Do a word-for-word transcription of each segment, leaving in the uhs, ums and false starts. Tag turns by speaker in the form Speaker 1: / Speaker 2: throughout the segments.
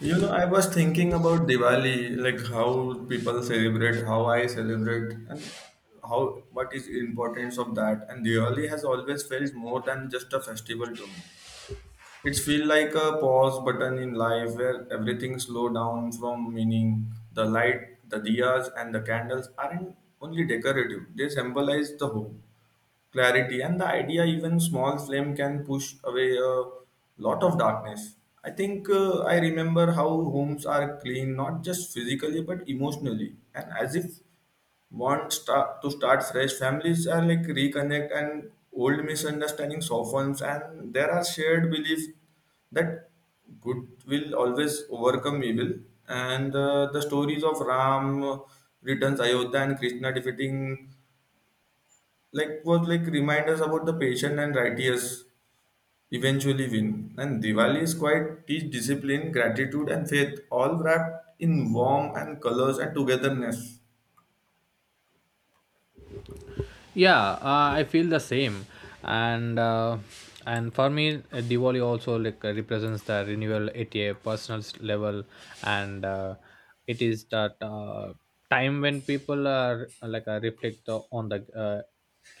Speaker 1: You know, I was thinking about Diwali, like how people celebrate, how I celebrate, and how what is importance of that. And Diwali has always felt more than just a festival to me. It feels like a pause button in life where everything slow down from meaning. The light, the diyas, and the candles aren't only decorative; they symbolize the hope, clarity and the idea even small flame can push away a lot of darkness. I think uh, I remember how homes are clean not just physically but emotionally and as if want start to start fresh. Families are like reconnect and old misunderstanding softens and there are shared beliefs that good will always overcome evil. And uh, the stories of Ram returns Ayodhya and Krishna defeating, like was like remind us about the patient and righteous eventually win. And Diwali is quite teach discipline, gratitude, and faith, all wrapped in warmth and colors and togetherness.
Speaker 2: Yeah, uh, I feel the same. And uh, and for me, uh, Diwali also like uh, represents the renewal at a personal s- level. And uh, it is that uh, time when people are, uh, like uh, reflect uh, on the, uh,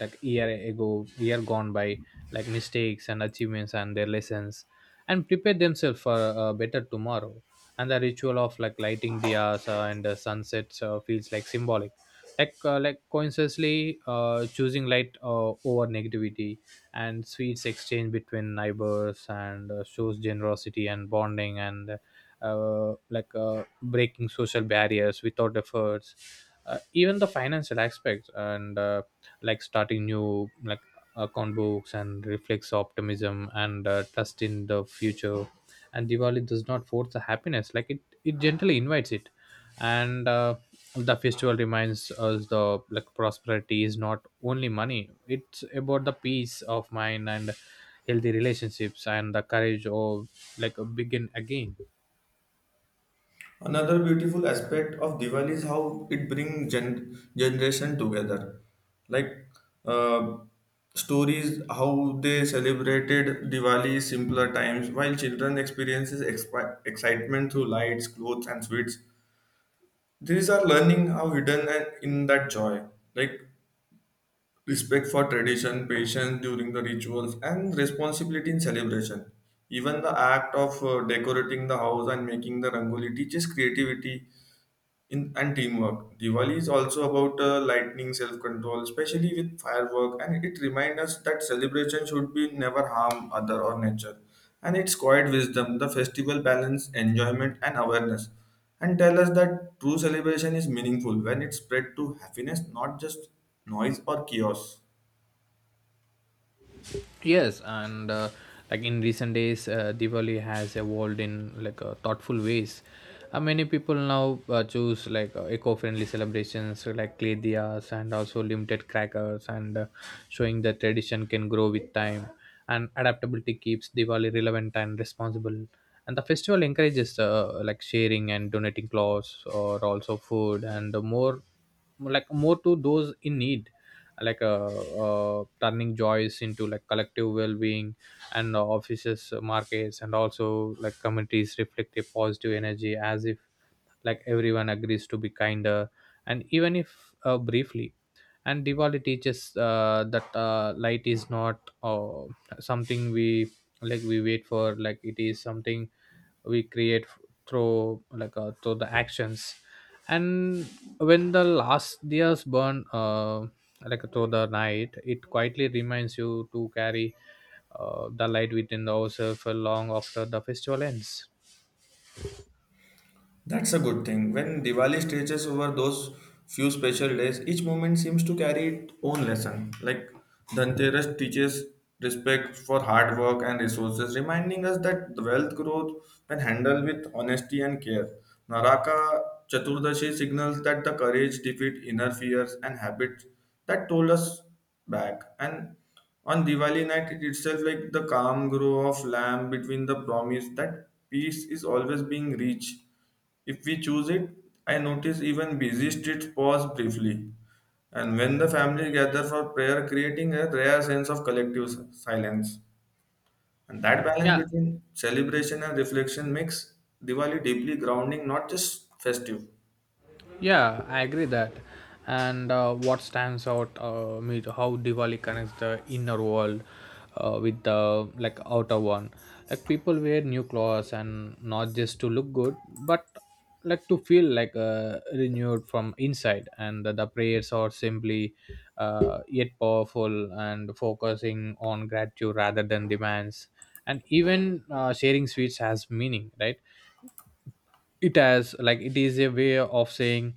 Speaker 2: like year ago year gone by, like mistakes and achievements and their lessons, and prepare themselves for a better tomorrow. And the ritual of like lighting diyas uh, and uh, sunsets uh, feels like symbolic, like uh, like consciously uh, choosing light uh, over negativity. And sweets exchange between neighbors and uh, shows generosity and bonding and uh, like uh, breaking social barriers without efforts. Uh, even the financial aspects, and uh, like starting new like account books and reflects optimism and uh, trust in the future. And Diwali does not force the happiness, like it it gently invites it. And uh, the festival reminds us the like prosperity is not only money, it's about the peace of mind and healthy relationships and the courage of like a begin again.
Speaker 1: Another beautiful aspect of Diwali is how it brings gen- generation together, like. Uh, Stories how they celebrated Diwali simpler times while children experiences expi- excitement through lights, clothes and sweets. These are learning how hidden and in that joy, like respect for tradition, patience during the rituals, and responsibility in celebration. Even the act of uh, decorating the house and making the rangoli teaches creativity in, and teamwork. Diwali is also about uh, lightning self control, especially with firework, and it reminds us that celebration should be never harm other or nature. And its quiet wisdom, the festival balance, enjoyment, and awareness, and tell us that true celebration is meaningful when it's spread to happiness, not just noise or chaos.
Speaker 2: Yes, and uh, like in recent days, uh, Diwali has evolved in like uh, thoughtful ways. Uh, many people now uh, choose like uh, eco-friendly celebrations, so like clay diyas and also limited crackers, and uh, showing that tradition can grow with time. And adaptability keeps Diwali relevant and responsible. And the festival encourages uh, like sharing and donating clothes or also food and more like more to those in need, like uh, uh, turning joys into like collective well-being. And uh, offices, uh, markets and also like communities reflect a positive energy, as if like everyone agrees to be kinder, and even if uh, briefly. And Diwali teaches uh, that uh, light is not uh, something we, like we wait for, like it is something we create f- through like uh, through the actions. And when the last years burn, uh, like through the night, it quietly reminds you to carry uh, the light within the ourselves long after the festival ends.
Speaker 1: That's a good thing. When Diwali stretches over those few special days, each moment seems to carry its own lesson. Like Dhanteras teaches respect for hard work and resources, reminding us that the wealth growth when handled with honesty and care. Naraka Chaturdashi signals that the courage defeat inner fears and habits that told us back. And on Diwali night itself, like the calm glow of lamp between the promise that peace is always being reached if we choose it, I notice even busy streets pause briefly. And when the family gather for prayer, creating a rare sense of collective s- silence. And that balance
Speaker 2: Yeah,
Speaker 1: between celebration and reflection makes Diwali deeply grounding, not just festive.
Speaker 2: Yeah, I agree that. And uh, what stands out uh, me to how Diwali connects the inner world uh, with the like outer one. Like people wear new clothes and not just to look good, but like to feel like uh, renewed from inside. And the, the prayers are simply, uh, yet powerful and focusing on gratitude rather than demands. And even uh, sharing sweets has meaning, right? It has like it is a way of saying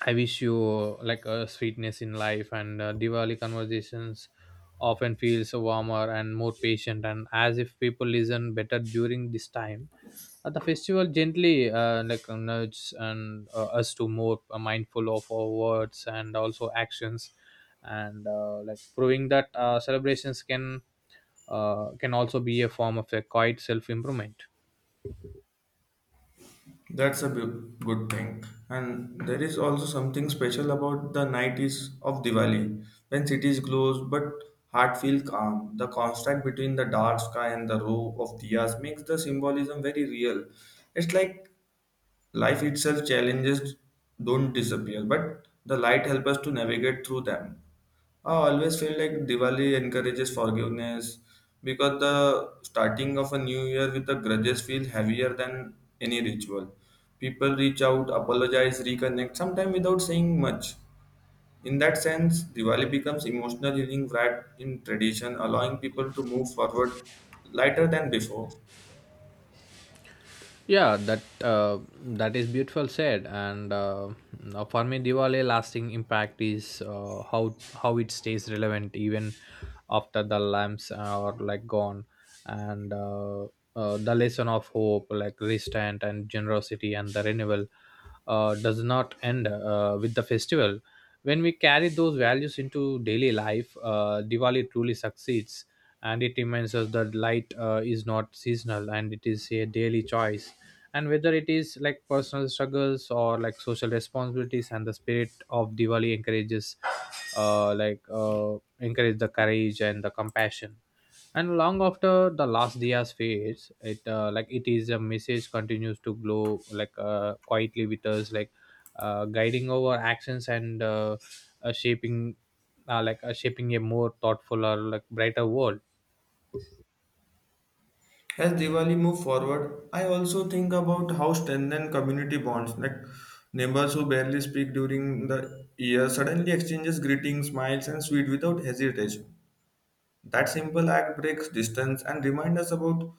Speaker 2: I wish you like a sweetness in life, and uh, Diwali conversations often feels warmer and more patient, and as if people listen better during this time. Uh, the festival gently uh, like uh, nudges and uh, us to more uh, mindful of our words and also actions, and uh, like proving that uh, celebrations can uh, can also be a form of a quiet self improvement.
Speaker 1: That's a bu- good thing. And there is also something special about the night is of Diwali, when cities glows but heart feel calm. The contrast between the dark sky and the row of diyas makes the symbolism very real. It's like life itself challenges don't disappear, but the light help us to navigate through them. I always feel like Diwali encourages forgiveness because the starting of a new year with the grudges feel heavier than any ritual. People reach out, apologize, reconnect, sometimes without saying much. In that sense, Diwali becomes emotional healing wrapped in tradition, allowing people to move forward lighter than before.
Speaker 2: Yeah, that uh, that is beautiful said. And uh, now for me, Diwali lasting impact is uh, how how it stays relevant even after the lamps are like gone, and uh, uh, the lesson of hope, like restraint and generosity and the renewal, uh, does not end uh, with the festival. When we carry those values into daily life, uh, Diwali truly succeeds. And it reminds us that light uh, is not seasonal and it is a daily choice, and whether it is like personal struggles or like social responsibilities, and the spirit of Diwali encourages uh, like uh, encourage the courage and the compassion. And long after the last diyas fades, it uh, like it is a message continues to glow like uh, quietly with us, like uh, guiding our actions and uh, uh, shaping uh, like uh, shaping a more thoughtful or like brighter world.
Speaker 1: As Diwali move forward, I also think about how strengthen community bonds. Like neighbors who barely speak during the year suddenly exchanges greetings, smiles, and sweet without hesitation. That simple act breaks distance and reminds us about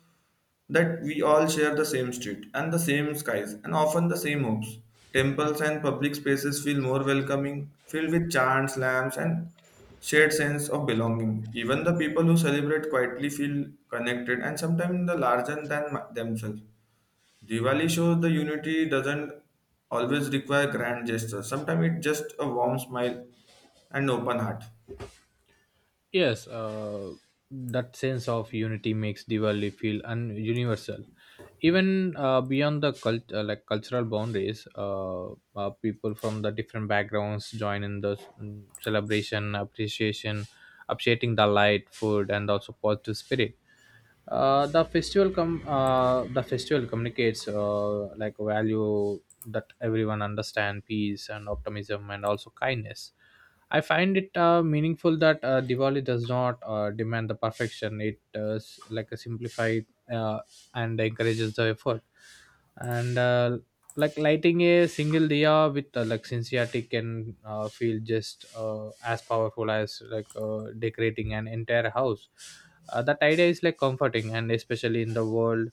Speaker 1: that we all share the same street and the same skies and often the same hopes. Temples and public spaces feel more welcoming, filled with chants, lamps, and shared sense of belonging. Even the people who celebrate quietly feel connected and sometimes the larger than themselves. Diwali shows the unity doesn't always require grand gestures. Sometimes it's just a warm smile and open heart.
Speaker 2: Yes, uh, that sense of unity makes Diwali feel un- universal, even uh, beyond the cult- uh, like cultural boundaries. Uh, uh, people from the different backgrounds join in the s- mm, celebration, appreciation, appreciating the light, food, and also positive spirit. Uh, the festival com- uh, the festival communicates uh, like a value that everyone understand peace and optimism and also kindness. I find it uh, meaningful that uh, Diwali does not uh, demand the perfection, it uh, s- like a simplified, uh, and encourages the effort, and uh, like lighting a single diya with uh, like sincerity can uh, feel just uh, as powerful as like uh, decorating an entire house. Uh, that idea is like comforting and especially in the world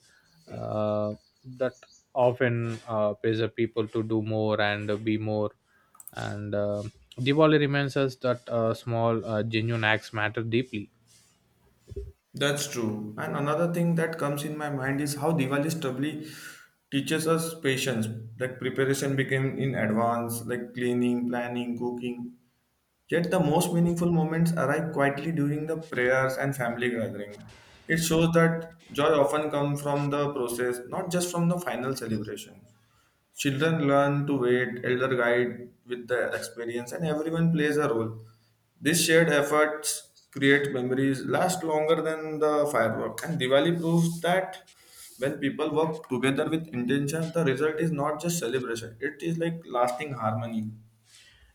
Speaker 2: uh, that often uh, pressure people to do more and be more, and uh, Diwali reminds us that uh, small, uh, genuine acts matter deeply.
Speaker 1: That's true. And another thing that comes in my mind is how Diwali stably teaches us patience. Like preparation became in advance, like cleaning, planning, cooking. Yet the most meaningful moments arrive quietly during the prayers and family gathering. It shows that joy often comes from the process, not just from the final celebration. Children learn to wait, elder guide with the experience, and everyone plays a role. These shared efforts create memories last longer than the firework. And Diwali proves that when people work together with intention, the result is not just celebration; it is like lasting harmony.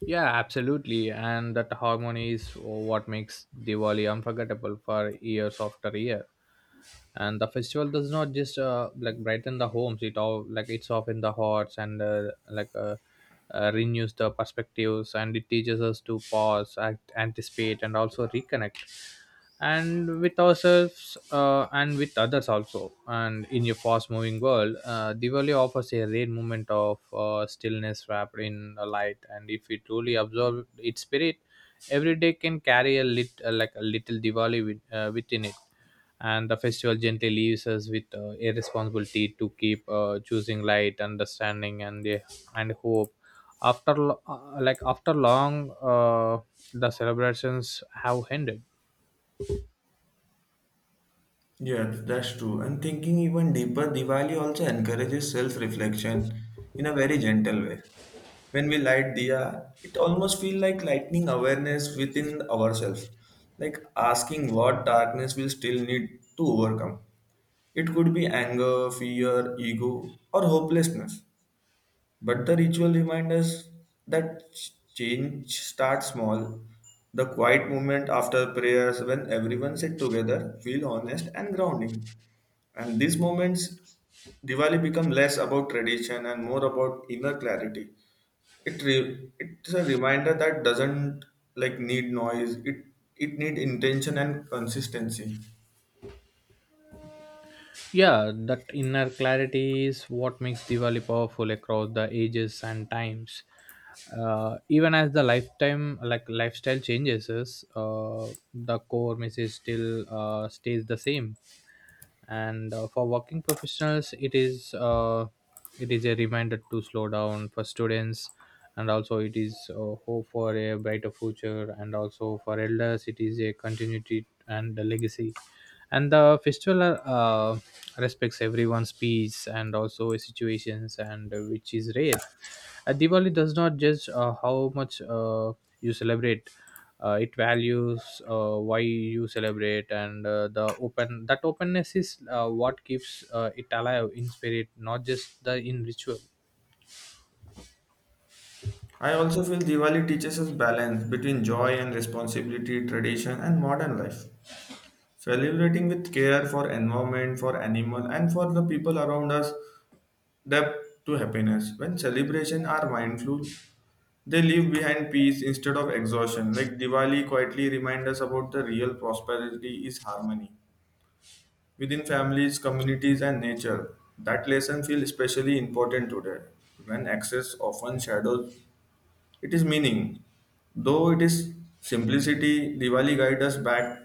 Speaker 2: Yeah, absolutely. And that harmony is what makes Diwali unforgettable for years after year. And the festival does not just uh, like brighten the homes, it all like it's often the hearts, and uh, like uh, uh, renews the perspectives and it teaches us to pause act, anticipate and also reconnect and with ourselves uh, and with others also. And in a fast moving world, uh, Diwali offers a rare moment of uh, stillness wrapped in a light, and if we truly absorb its spirit, every day can carry a lit uh, like a little Diwali with, uh, within it. And the festival gently leaves us with uh, a responsibility to keep uh, choosing light understanding and uh, and hope after lo- uh, like after long uh, the celebrations have ended.
Speaker 1: Yeah, th- that's true. And thinking even deeper, Diwali also encourages self-reflection in a very gentle way. When we light diya, it almost feels like lightening awareness within ourselves, like asking what darkness we still need to overcome. It could be anger, fear, ego, or hopelessness. But the ritual reminds us that ch- change starts small. The quiet moment after prayers when everyone sit together feel honest and grounding. And these moments, Diwali become less about tradition and more about inner clarity. It re- it's a reminder that doesn't like need noise. It it need intention and consistency.
Speaker 2: Yeah, that inner clarity is what makes Diwali powerful across the ages and times. Uh, even as the lifetime like lifestyle changes, uh, the core message still uh, stays the same. And uh, for working professionals, it is, uh, it is a reminder to slow down. For students and also it is uh, hope for a brighter future, and also for elders it is a continuity and a legacy. And the festival uh, respects everyone's peace and also situations, and uh, which is rare. Uh, Diwali does not judge uh, how much uh, you celebrate, uh, it values uh, why you celebrate, and uh, the open that openness is uh, what keeps uh, it alive in spirit, not just the in ritual.
Speaker 1: I also feel Diwali teaches us balance between joy and responsibility, tradition and modern life. Celebrating with care for environment, for animal, and for the people around us, depth to happiness. When celebration are mindful, they leave behind peace instead of exhaustion. Like Diwali quietly remind us about the real prosperity is harmony within families, communities, and nature. That lesson feels especially important today when access often shadows its meaning. Though it is simplicity, Diwali guides us back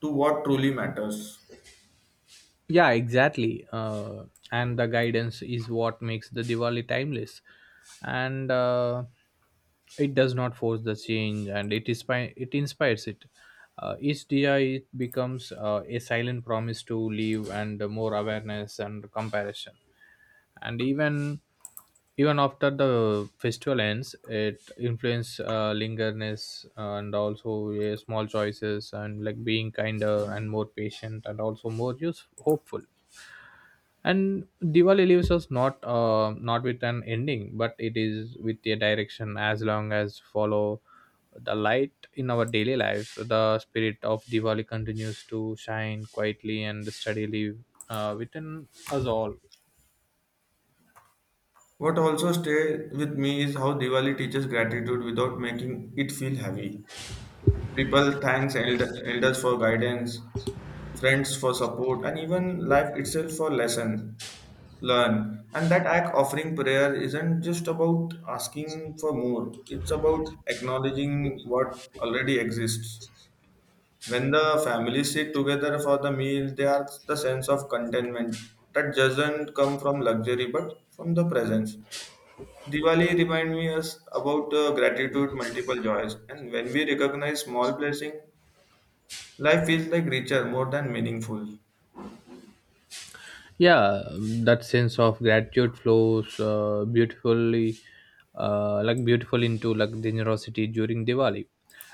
Speaker 1: to what truly matters.
Speaker 2: Yeah, exactly. Uh, and the guidance is what makes the Diwali timeless, and uh, it does not force the change, and it is it inspires it. Uh, each dia it becomes uh, a silent promise to leave and more awareness and comparison. And even even after the festival ends, it influence uh, lingerness and also uh, small choices, and like being kinder and more patient and also more use hopeful. And Diwali leaves us not uh, not with an ending, but it is with a direction. As long as follow the light in our daily lives, the spirit of Diwali continues to shine quietly and steadily uh, within us all.
Speaker 1: What also stay with me is how Diwali teaches gratitude without making it feel heavy. People thanks eld- elders for guidance, friends for support, and even life itself for lesson learn. And that act offering prayer isn't just about asking for more. It's about acknowledging what already exists. When the families sit together for the meal, there's the sense of contentment that doesn't come from luxury but from the presence. Diwali remind me us about uh, gratitude, multiple joys, and when we recognize small blessing, life feels like richer, more than meaningful.
Speaker 2: Yeah, um, that sense of gratitude flows uh, beautifully, uh, like beautiful into like generosity during Diwali.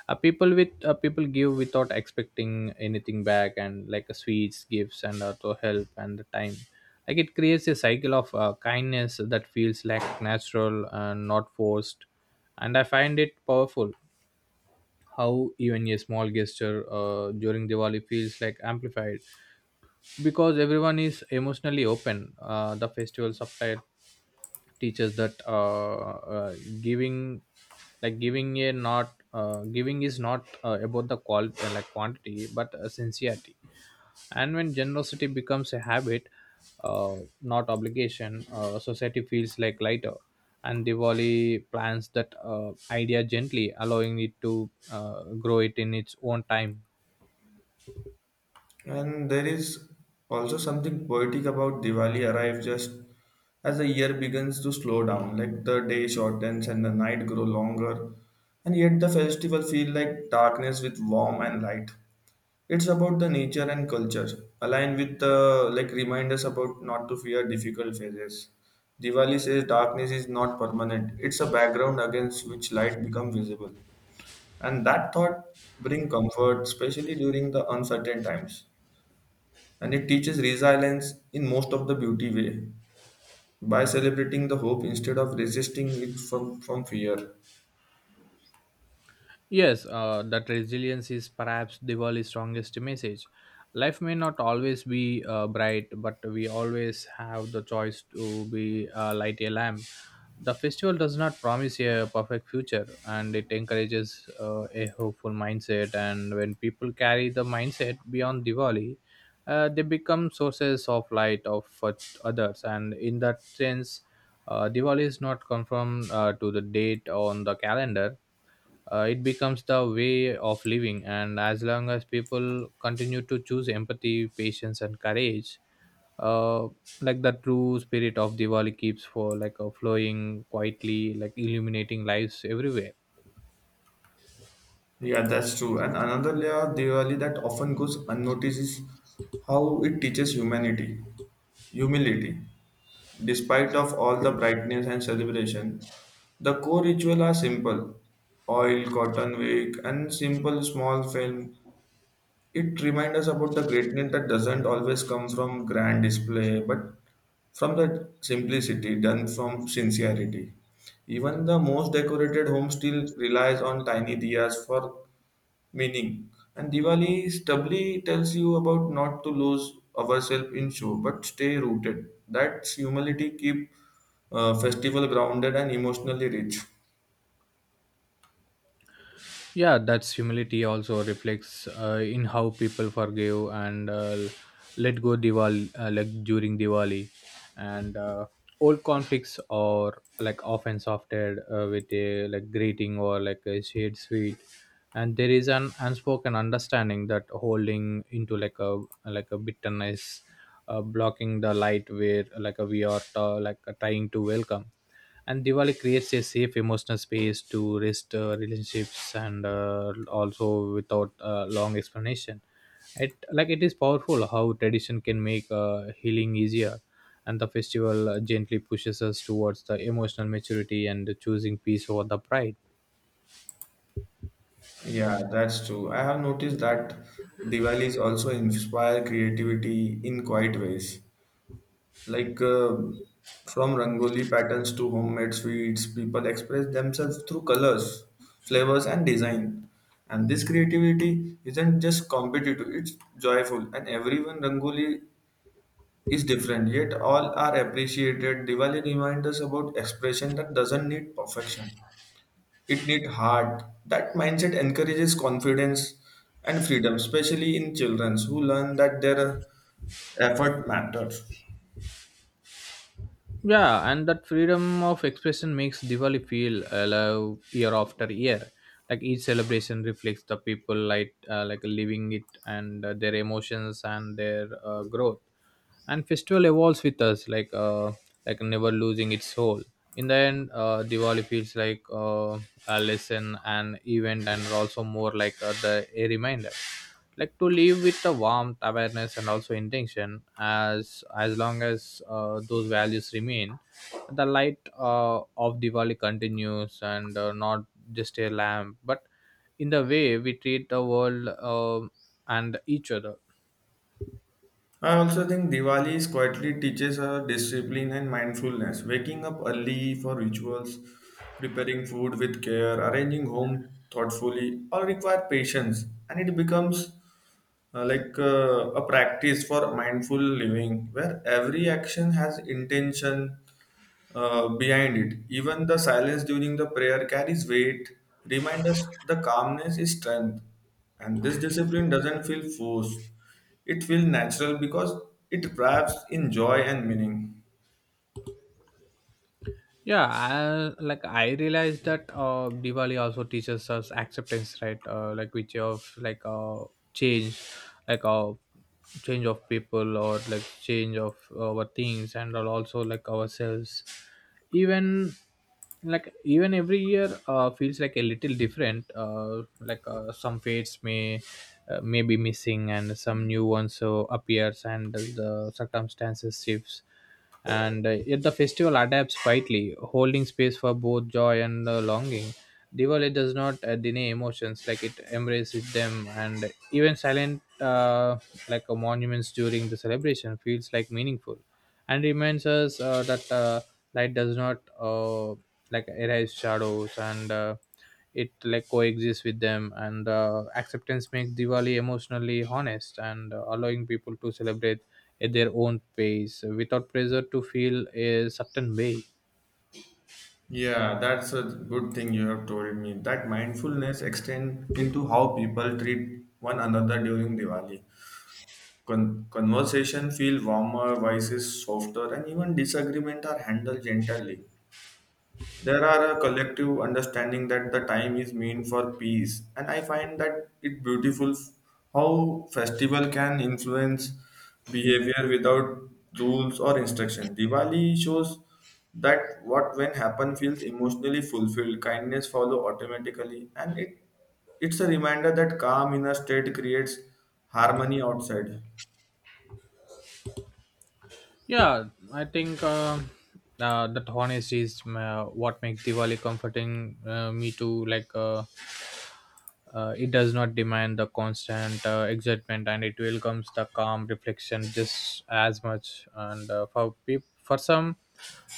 Speaker 2: Uh, people with uh, people give without expecting anything back, and like uh, sweets gifts and also help and the time, like it creates a cycle of uh, kindness that feels like natural and not forced. And I find it powerful how even a small gesture uh, during Diwali feels like amplified because everyone is emotionally open. Uh, the festival subtitle teaches that, uh, uh, giving like giving a not uh, giving is not uh, about the quality like quantity, but uh, sincerity. And when generosity becomes a habit, uh, not obligation, uh, society feels like lighter. And Diwali plans that uh, idea gently, allowing it to uh, grow it in its own time.
Speaker 1: And there is also something poetic about Diwali arrive just as the year begins to slow down, like the day shortens and the night grow longer, and yet the festival feel like darkness with warmth and light. It's about the nature and culture, aligned with the like reminders about not to fear difficult phases. Diwali says darkness is not permanent; it's a background against which light become visible, and that thought bring comfort, especially during the uncertain times. And it teaches resilience in most of the beauty way by celebrating the hope instead of resisting it from from fear.
Speaker 2: Yes, uh, that resilience is perhaps Diwali's strongest message. Life may not always be uh, bright, but we always have the choice to be, uh, light a lamp. The festival does not promise a perfect future, and it encourages uh, a hopeful mindset. And when people carry the mindset beyond Diwali, uh, they become sources of light of for others. And in that sense, uh, Diwali is not confirmed uh, to the date on the calendar. Uh, it becomes the way of living, and as long as people continue to choose empathy, patience and courage, uh, like the true spirit of Diwali keeps for like uh, flowing quietly, like illuminating lives everywhere.
Speaker 1: Yeah, that's true. And another layer of Diwali that often goes unnoticed is how it teaches humanity. Humility. Despite of all the brightness and celebration, the core ritual are simple. Oil, cotton wick, and simple small film. It reminds us about the greatness that doesn't always come from grand display, but from the simplicity done from sincerity. Even the most decorated home still relies on tiny diyas for meaning. And Diwali stably tells you about not to lose ourselves in show, but stay rooted. That's humility keep uh, festival grounded and emotionally rich.
Speaker 2: Yeah, that's humility also reflects uh, in how people forgive and uh, let go. Diwali, uh, like during Diwali and uh, old conflicts are like often softened uh, with a like greeting or like a shared sweet, and there is an unspoken understanding that holding into like a like a bitterness uh, blocking the light where like a, we are uh, like uh, trying to welcome. And Diwali creates a safe emotional space to rest uh, relationships, and uh, also without uh, long explanation. It like it is powerful how tradition can make uh, healing easier, and the festival uh, gently pushes us towards the emotional maturity and choosing peace over the pride.
Speaker 1: Yeah, that's true. I have noticed that Diwali's also inspire creativity in quiet ways. Like uh, from Rangoli patterns to homemade sweets, people express themselves through colors, flavors, and design. And this creativity isn't just competitive, it's joyful. And everyone Rangoli is different, yet all are appreciated. Diwali reminds us about expression that doesn't need perfection. It needs heart. That mindset encourages confidence and freedom, especially in children who learn that their effort matters.
Speaker 2: Yeah, and that freedom of expression makes Diwali feel alive year after year. Like each celebration reflects the people like uh, like living it, and uh, their emotions and their uh, growth. And festival evolves with us, like uh, like never losing its soul. In the end, uh, Diwali feels like uh, a lesson, an event, and also more like uh, the a reminder, like to live with the warmth, awareness and also intention, as as long as uh, those values remain. The light uh, of Diwali continues, and uh, not just a lamp, but in the way we treat the world um and each other.
Speaker 1: I also think Diwali is quietly teaches us discipline and mindfulness, waking up early for rituals, preparing food with care, arranging home thoughtfully, all require patience, and it becomes uh, like uh, a practice for mindful living where every action has intention uh, behind it. Even the silence during the prayer carries weight. Remind us the calmness is strength, and this discipline doesn't feel forced. It feels natural because it wraps in joy and meaning.
Speaker 2: Yeah, I, like i realized that uh Diwali also teaches us acceptance, right? uh, like which of like uh Change, like uh change of people, or like change of uh, our things, and al- also like ourselves. Even, like even every year uh, feels like a little different. Uh, like uh, some fates may uh, may be missing and some new ones so appears, and the circumstances shifts, and uh, yet the festival adapts quietly, holding space for both joy and uh, longing. Diwali does not uh, deny emotions, like it embraces them. And even silent, uh, like uh, monuments during the celebration feels like meaningful, and reminds us uh, that uh, light does not uh, like erase shadows, and uh, it like coexists with them. And uh, acceptance makes Diwali emotionally honest, and uh, allowing people to celebrate at their own pace without pressure to feel a certain way.
Speaker 1: Yeah, that's a good thing you have told me. That mindfulness extends into how people treat one another during Diwali. Con- conversation feel warmer, voices softer, and even disagreement are handled gently. There are a collective understanding that the time is meant for peace, and I find that it beautiful f- how festival can influence behavior without rules or instruction. Diwali shows that what when happen feels emotionally fulfilled, kindness follow automatically, and it it's a reminder that calm inner state creates harmony outside.
Speaker 2: Yeah, I think uh, uh, that honesty is uh, what makes Diwali comforting uh, me to like uh, Uh, it does not demand the constant uh, excitement, and it welcomes the calm reflection just as much. And uh, for peop- for some,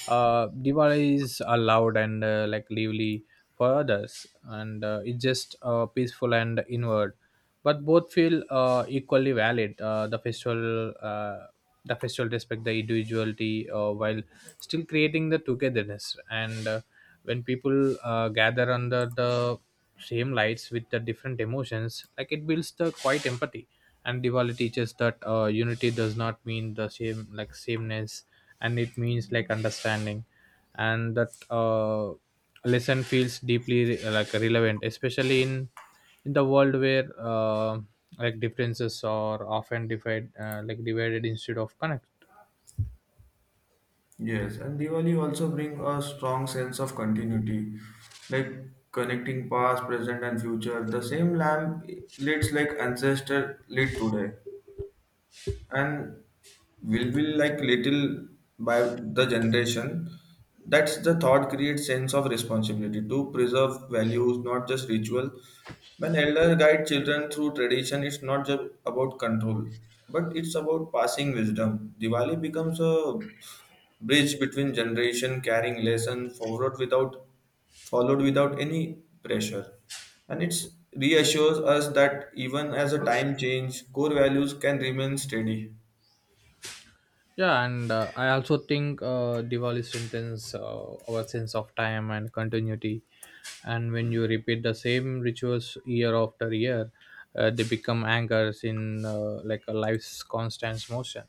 Speaker 2: uh, Diwali is uh, loud and uh, like lively for others, and uh, it's just uh, peaceful and inward, but both feel uh, equally valid. Uh, the festival, uh, the festival respect the individuality uh, while still creating the togetherness. And uh, when people uh, gather under the same lights with the different emotions, like it builds the quite empathy. And Diwali teaches that uh, unity does not mean the same like sameness, and it means like understanding. And that uh, lesson feels deeply like relevant, especially in in the world where uh, like differences are often divided uh, like divided instead of connect.
Speaker 1: Yes, and Diwali also bring a strong sense of continuity, like connecting past, present, and future. The same lamp leads like ancestor lead today, and will will like little by the generation. That's the thought creates sense of responsibility to preserve values, not just ritual. When elder guide children through tradition, it's not just about control, but it's about passing wisdom. Diwali becomes a bridge between generation carrying lesson forward without followed without any pressure, and it reassures us that even as a time change core values can remain steady.
Speaker 2: Yeah, and uh, I also think uh, Diwali strengthens uh, our sense of time and continuity. And when you repeat the same rituals year after year, uh, they become anchors in uh, like a life's constant motion.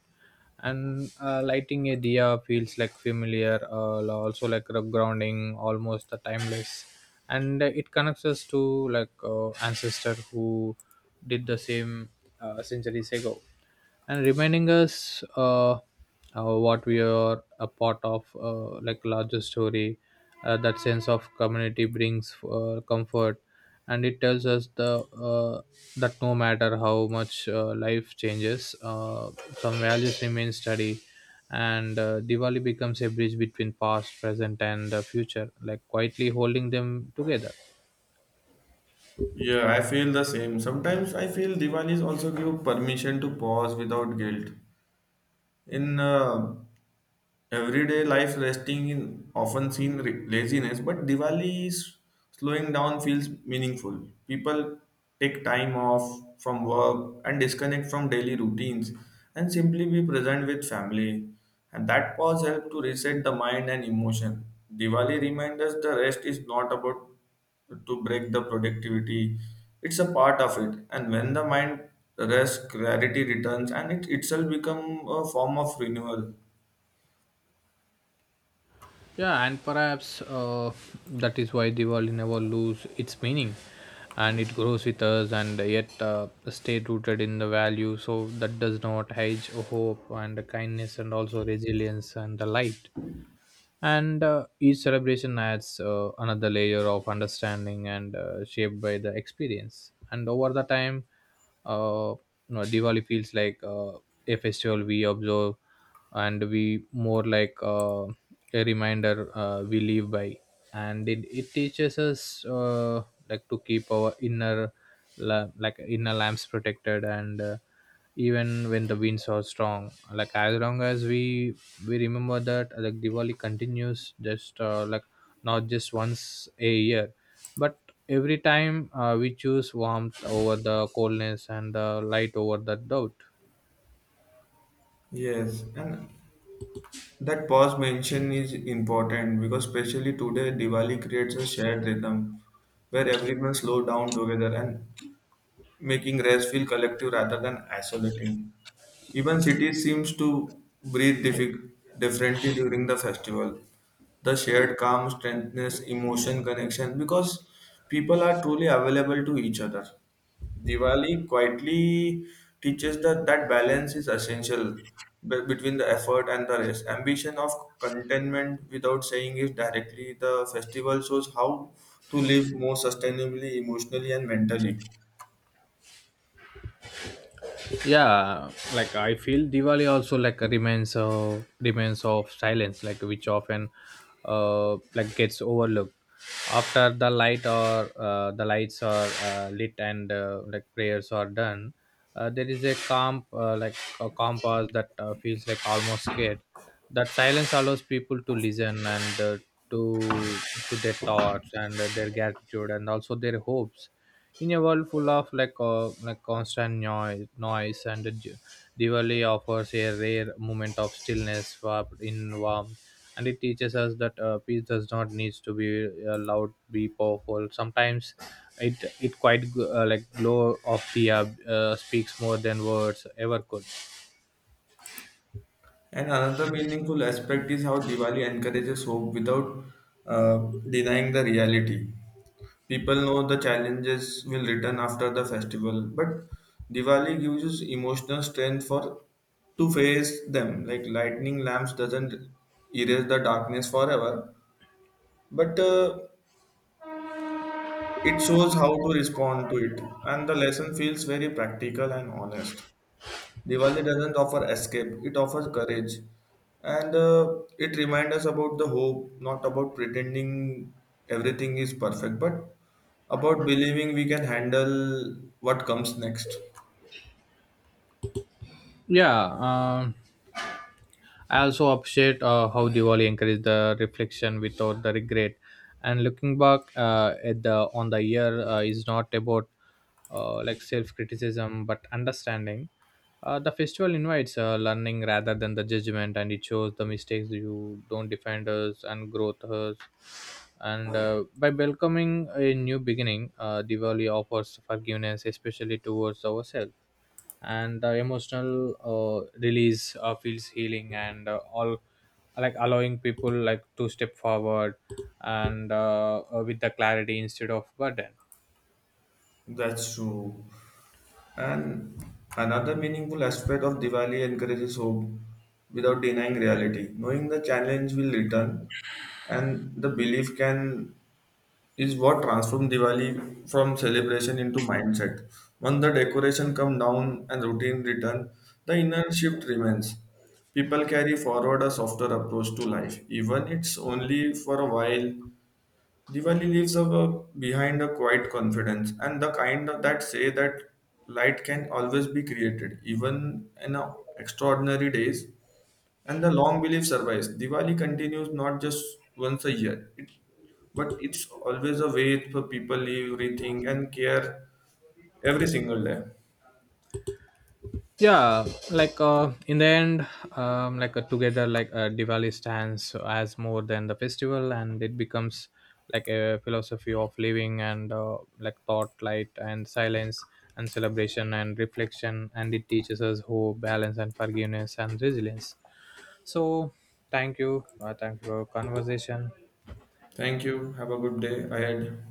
Speaker 2: And uh, lighting a diya feels like familiar, uh, also like a grounding, almost a timeless, and it connects us to like uh, ancestor who did the same uh, centuries ago, and reminding us uh, uh, what we are a part of, uh, like larger story. Uh, that sense of community brings uh, comfort, and it tells us the uh, that no matter how much uh, life changes, uh, some values remain steady. And uh, Diwali becomes a bridge between past, present and uh, future, like quietly holding them together.
Speaker 1: Yeah, I feel the same. Sometimes I feel Diwalis also give permission to pause without guilt in uh, everyday life. Resting is often seen re- laziness, but Diwali is slowing down feels meaningful. People take time off from work and disconnect from daily routines and simply be present with family. And that pause helps to reset the mind and emotion. Diwali reminds us the rest is not about to break the productivity. It's a part of it. And when the mind rests, clarity returns and it itself become a form of renewal.
Speaker 2: Yeah, and perhaps uh, that is why Diwali never lose its meaning, and it grows with us, and yet uh, stay rooted in the value. So that does not hedge hope and kindness, and also resilience and the light. And uh, each celebration adds uh, another layer of understanding, and uh, shaped by the experience and over the time. uh, you know, Diwali feels like uh, a festival we observe, and we more like uh, a reminder uh, we live by. And it, it teaches us uh, like to keep our inner la- like inner lamps protected. And uh, even when the winds are strong, like as long as we we remember that, like Diwali continues, just uh, like not just once a year, but every time uh, we choose warmth over the coldness and the light over the doubt.
Speaker 1: Yes, and that pause mention is important because especially today Diwali creates a shared rhythm where everyone slow down together and making race feel collective rather than isolating. Even cities seems to breathe diffi- differently during the festival. The shared calm, strengthness, emotion, connection, because people are truly available to each other. Diwali quietly teaches that that balance is essential be- between the effort and the rest. Ambition of contentment, without saying it directly, the festival shows how to live more sustainably, emotionally, and mentally.
Speaker 2: Yeah, like I feel Diwali also like remains uh, remains of silence, like which often uh, like gets overlooked. After the light or uh, the lights are uh, lit and uh, like prayers are done, uh, there is a calm, uh, like a calm pause that uh, feels like almost scared. That silence allows people to listen, and uh, to to their thoughts and their gratitude and also their hopes. In a world full of like uh, like constant noise noise, and Di- diwali offers a rare moment of stillness wrapped in warmth. And it teaches us that uh, peace does not need to be uh, loud, be powerful sometimes. it it quite g- uh, like glow of the uh, uh, speaks more than words ever could.
Speaker 1: And another meaningful aspect is how Diwali encourages hope without uh, denying the reality. People know the challenges will return after the festival, but Diwali gives us emotional strength for to face them. Like lightning lamps doesn't erase the darkness forever, but uh, it shows how to respond to it, and the lesson feels very practical and honest. Diwali doesn't offer escape, it offers courage. And uh, it reminds us about the hope, not about pretending everything is perfect, but about believing we can handle what comes next.
Speaker 2: Yeah. um I also appreciate uh, how Diwali encouraged the reflection without the regret. And looking back uh, at the on the year uh, is not about uh, like self criticism but understanding. Uh, the festival invites uh, learning rather than the judgment, and it shows the mistakes you don't defend us and growth us. And uh, by welcoming a new beginning, uh, Diwali offers forgiveness, especially towards ourselves. And the emotional uh, release uh, feels healing, and uh, all like allowing people like to step forward and uh, uh, with the clarity instead of burden.
Speaker 1: That's true. And another meaningful aspect of Diwali encourages hope without denying reality. Knowing the challenge will return and the belief can is what transformed Diwali from celebration into mindset. When the decoration come down and routine return, the inner shift remains. People carry forward a softer approach to life, even it's only for a while. Diwali leaves a, behind a quiet confidence and the kind of that say that light can always be created, even in a extraordinary days. And the long belief survives. Diwali continues not just once a year, it, but it's always a way for people live, rethink, and care every single day.
Speaker 2: Yeah, like uh, in the end, um, like uh, together like uh, Diwali stands as more than the festival, and it becomes like a philosophy of living, and uh, like thought, light and silence, and celebration and reflection. And it teaches us hope, balance and forgiveness and resilience. So thank you. Uh, thank you for your conversation.
Speaker 1: Thank you. Have a good day ahead.